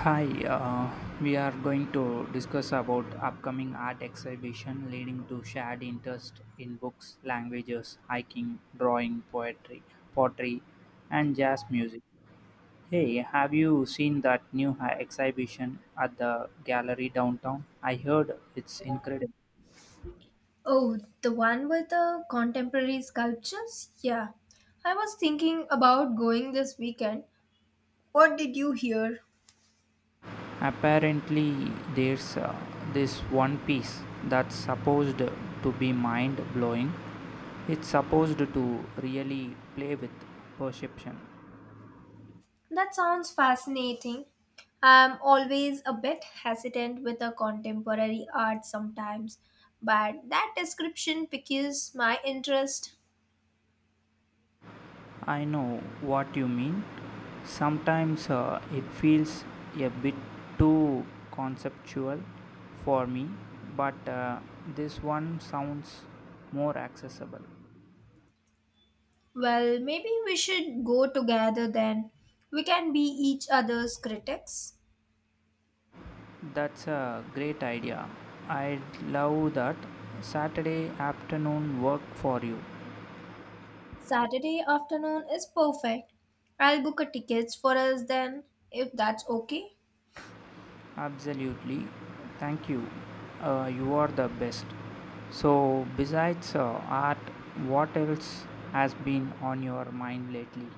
Hi, we are going to discuss about upcoming art exhibition leading to shared interest in books, languages, hiking, drawing, poetry, pottery, and jazz music. Hey, have you seen that new exhibition at the gallery downtown? I heard it's incredible. Oh, the one with the contemporary sculptures? Yeah. I was thinking about going this weekend. What did you hear? Apparently, there's this one piece that's supposed to be mind blowing. It's supposed to really play with perception. That sounds fascinating. I'm always a bit hesitant with the contemporary art sometimes, but that description piques my interest. I know what you mean. Sometimes it feels a bit too conceptual for me, but this one sounds more accessible. Well, maybe we should go together then. We can be each other's critics. That's a great idea. I love that Saturday afternoon work for you. Saturday afternoon is perfect. I'll book a tickets for us then, if that's okay. Absolutely. Thank you. You are the best. So, besides art, what else has been on your mind lately?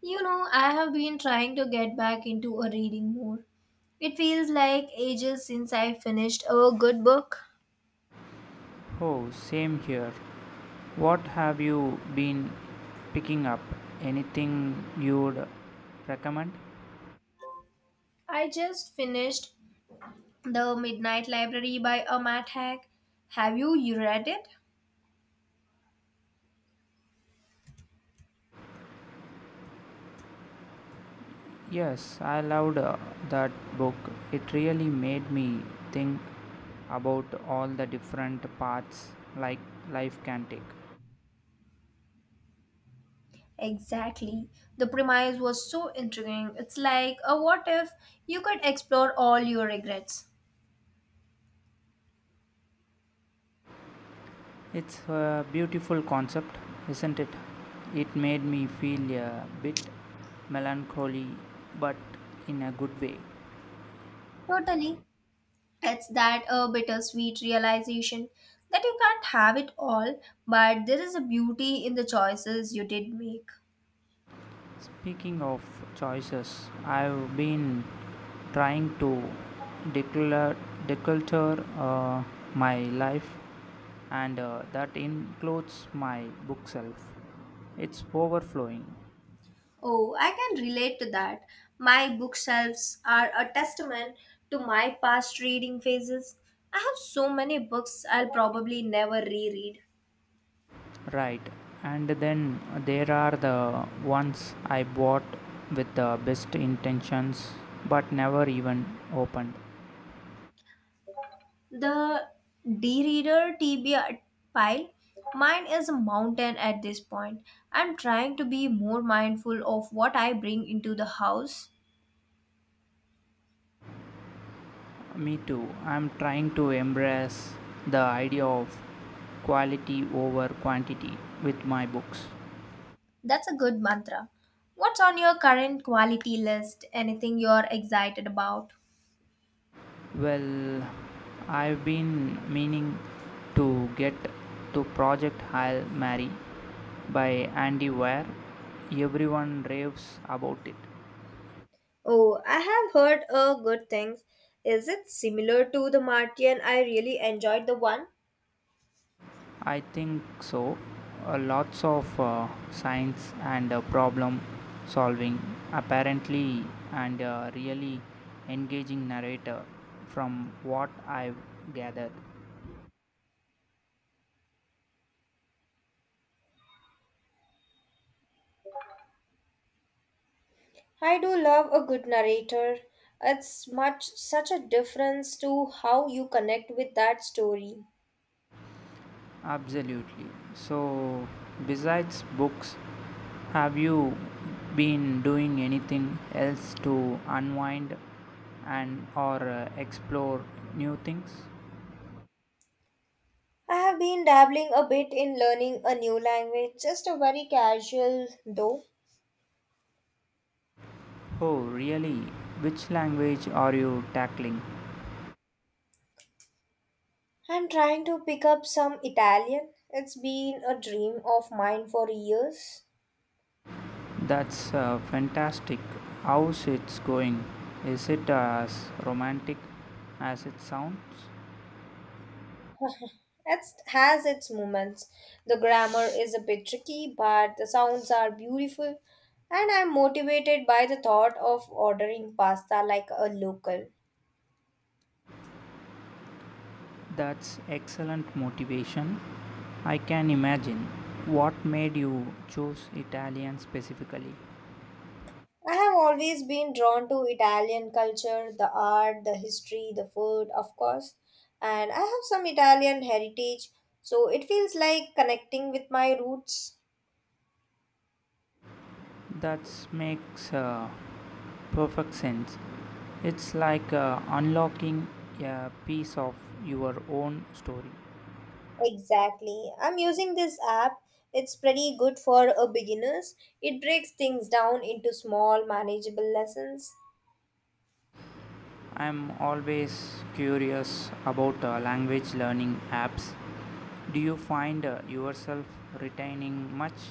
You know, I have been trying to get back into a reading more. It feels like ages since I finished a good book. Oh, same here. What have you been picking up? Anything you'd recommend? I just finished The Midnight Library by a Matt Haig. Have you read it? Yes, I loved that book. It really made me think about all the different paths like life can take. Exactly. The premise was so intriguing. It's like a what if you could explore all your regrets. It's a beautiful concept, isn't it? It made me feel a bit melancholy, but in a good way. Totally. It's that a bittersweet realization that you can't have it all, but there is a beauty in the choices you did make. Speaking of choices, I've been trying to declutter, declutter uh, my life, and that includes my bookshelf. It's overflowing, Oh, I can relate to that. My bookshelves are a testament to my past reading phases. I have so many books I'll probably never reread. right? And then there are the ones I bought with the best intentions but never even opened. The D reader TBR pile, mine is a mountain at this point. I'm trying to be more mindful of what I bring into the house. Me too. I'm trying to embrace the idea of quality over quantity with my books. That's a good mantra. What's on your current quality list? Anything you're excited about? Well, I've been meaning to get to Project Hail Mary by Andy Weir. Everyone raves about it. Oh, I have heard good things. Is it similar to the Martian? I really enjoyed the one. I think so. Lots of science and problem solving, apparently, and really engaging narrator from what I've gathered. I do love a good narrator. It's much such a difference to how you connect with that story. Absolutely. So, besides books, have you been doing anything else to unwind and or explore new things? I have been dabbling a bit in learning a new language, just a very casual though. Oh, really? Which language are you tackling? I'm trying to pick up some Italian. It's been a dream of mine for years. That's fantastic. How's it's going? Is it as romantic as it sounds? It has its moments. The grammar is a bit tricky, but the sounds are beautiful, and I'm motivated by the thought of ordering pasta like a local. That's excellent motivation. I can imagine. What made you choose Italian specifically? I have always been drawn to Italian culture, the art, the history, the food, of course, and I have some Italian heritage, so it feels like connecting with my roots. That makes perfect sense. It's like unlocking a piece of your own story. Exactly. I'm using this app. It's pretty good for a beginners. It breaks things down into small manageable lessons. I'm always curious about language learning apps. Do you find yourself retaining much?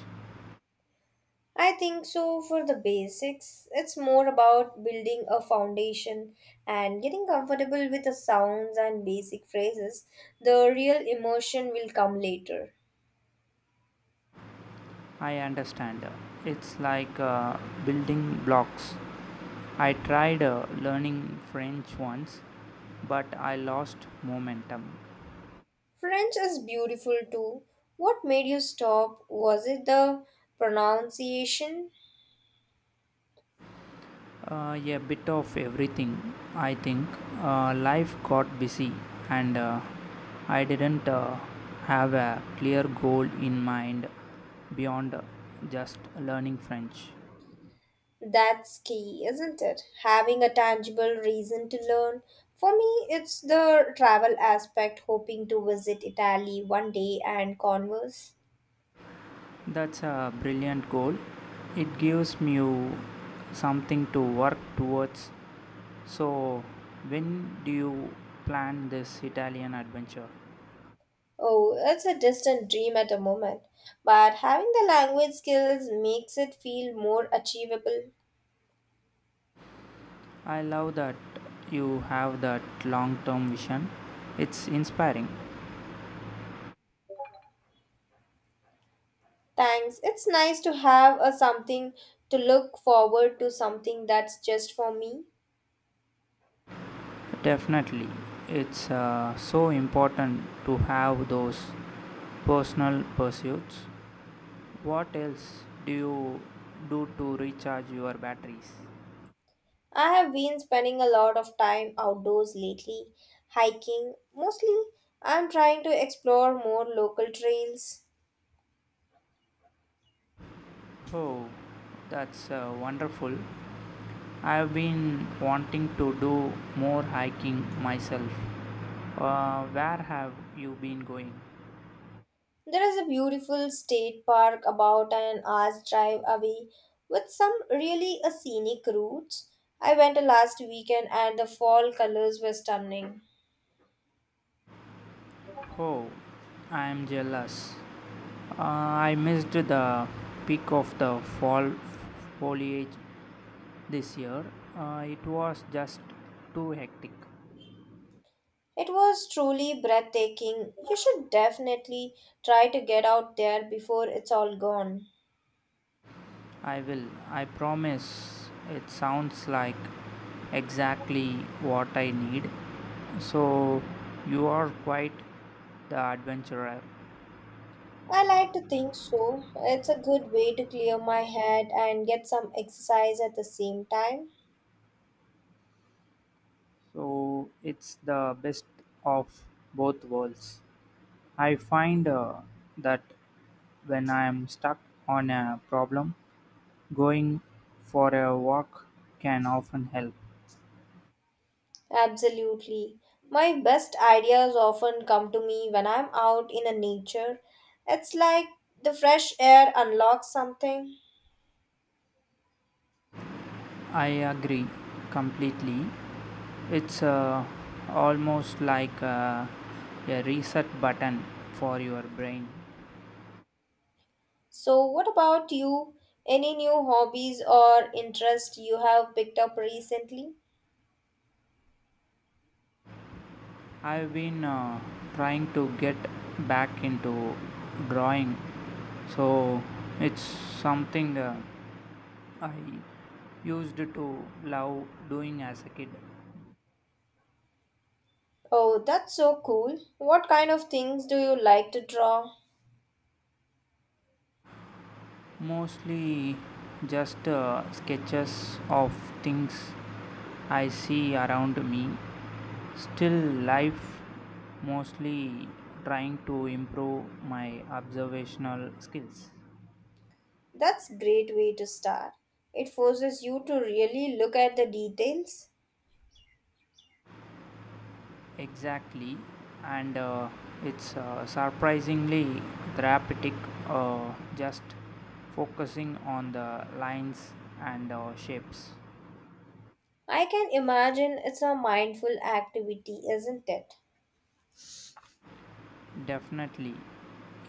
I think so for the basics. It's more about building a foundation and getting comfortable with the sounds and basic phrases. The real emotion will come later. I understand. It's like building blocks. I tried learning French once, but I lost momentum. French is beautiful too. What made you stop? Was it the pronunciation? A bit of everything, I think. Life got busy, and I didn't have a clear goal in mind beyond just learning French. That's key, isn't it? Having a tangible reason to learn. For me, it's the travel aspect, hoping to visit Italy one day and converse. That's a brilliant goal. It gives you something to work towards. So, when do you plan this Italian adventure? Oh, it's a distant dream at the moment, but having the language skills makes it feel more achievable. I love that you have that long term vision. It's inspiring. Thanks. It's nice to have a something to look forward to, something that's just for me. Definitely. It's so important to have those personal pursuits. What else do you do to recharge your batteries? I have been spending a lot of time outdoors lately, hiking mostly. I'm trying to explore more local trails. Oh, that's wonderful. I've been wanting to do more hiking myself. Where have you been going? There is a beautiful state park about an hour's drive away with some really a scenic routes. I went last weekend and the fall colors were stunning. Oh, I'm jealous. I missed the peak of the fall foliage this year. It was just too hectic. It was truly breathtaking. You should definitely try to get out there before it's all gone. I will, I promise. It sounds like exactly what I need. So, you are quite the adventurer. I like to think so. It's a good way to clear my head and get some exercise at the same time. So it's the best of both worlds. I find that when I'm stuck on a problem, going for a walk can often help. Absolutely. My best ideas often come to me when I'm out in the nature. It's like the fresh air unlocks something. I agree completely. It's almost like a reset button for your brain. So, what about you? Any new hobbies or interests you have picked up recently? I've been trying to get back into drawing, so it's something. I used to love doing as a kid. Oh, that's so cool. What kind of things do you like to draw? Mostly just sketches of things I see around me. Still life, mostly trying to improve my observational skills. That's great way to start. It forces you to really look at the details. Exactly, and it's surprisingly therapeutic just focusing on the lines and shapes. I can imagine it's a mindful activity, isn't it? Definitely,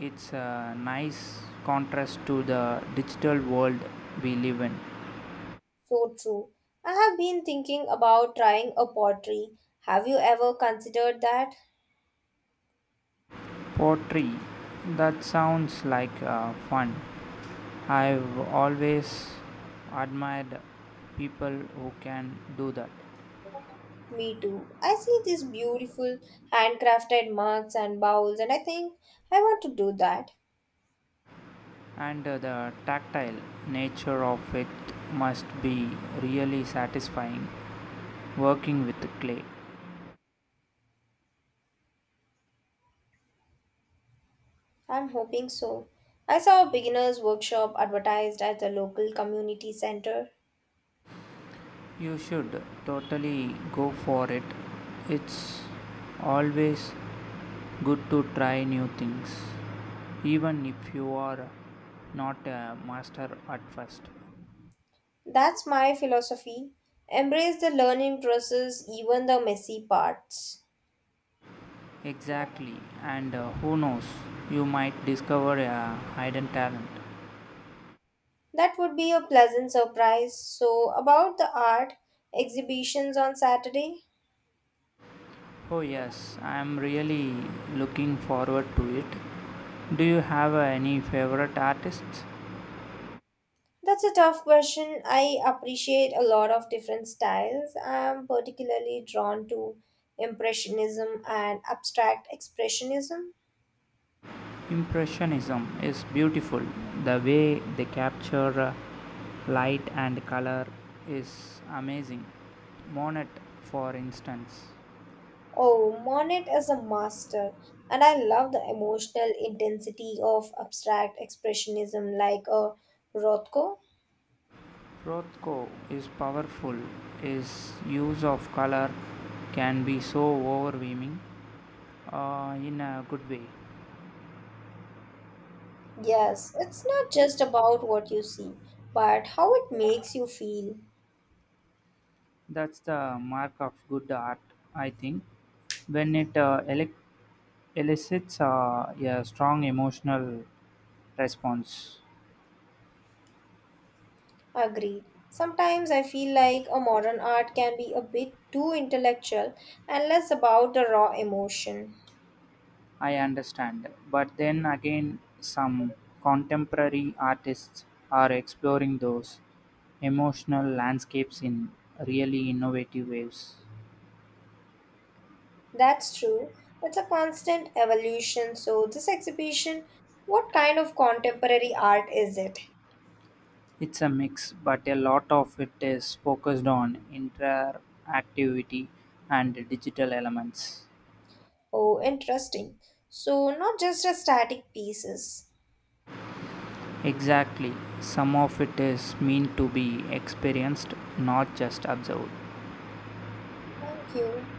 it's a nice contrast to the digital world we live in. So true. I have been thinking about trying a pottery. Have you ever considered that? Pottery, that sounds like fun. I've always admired people who can do that, Me too. I see these beautiful handcrafted mugs and bowls, and I think I want to do that. and the tactile nature of it must be really satisfying working with clay. I'm hoping so. I saw a beginner's workshop advertised at the local community center. You should totally go for it. It's always good to try new things even if you are not a master at first. That's my philosophy. Embrace the learning process, even the messy parts. Exactly, and who knows, you might discover a hidden talent. That would be a pleasant surprise. So, about the art exhibitions on Saturday? Oh yes, I am really looking forward to it. Do you have any favorite artists? That's a tough question. I appreciate a lot of different styles. I'm particularly drawn to Impressionism and abstract expressionism. Impressionism is beautiful. The way they capture light and color is amazing. Monet, for instance. Oh, Monet is a master, and I love the emotional intensity of abstract expressionism like a Rothko. Rothko is powerful. His use of color can be so overwhelming in a good way. Yes, it's not just about what you see, but how it makes you feel. That's the mark of good art, I think. When it elicits a strong emotional response. Agreed. Sometimes I feel like a modern art can be a bit too intellectual and less about the raw emotion. I understand. But then again, some contemporary artists are exploring those emotional landscapes in really innovative ways. That's true. It's a constant evolution. So, this exhibition, what kind of contemporary art is it? It's a mix, but a lot of it is focused on interactivity and digital elements. Oh, interesting. So, not just a static pieces. Exactly, some of it is meant to be experienced, not just observed. Thank you.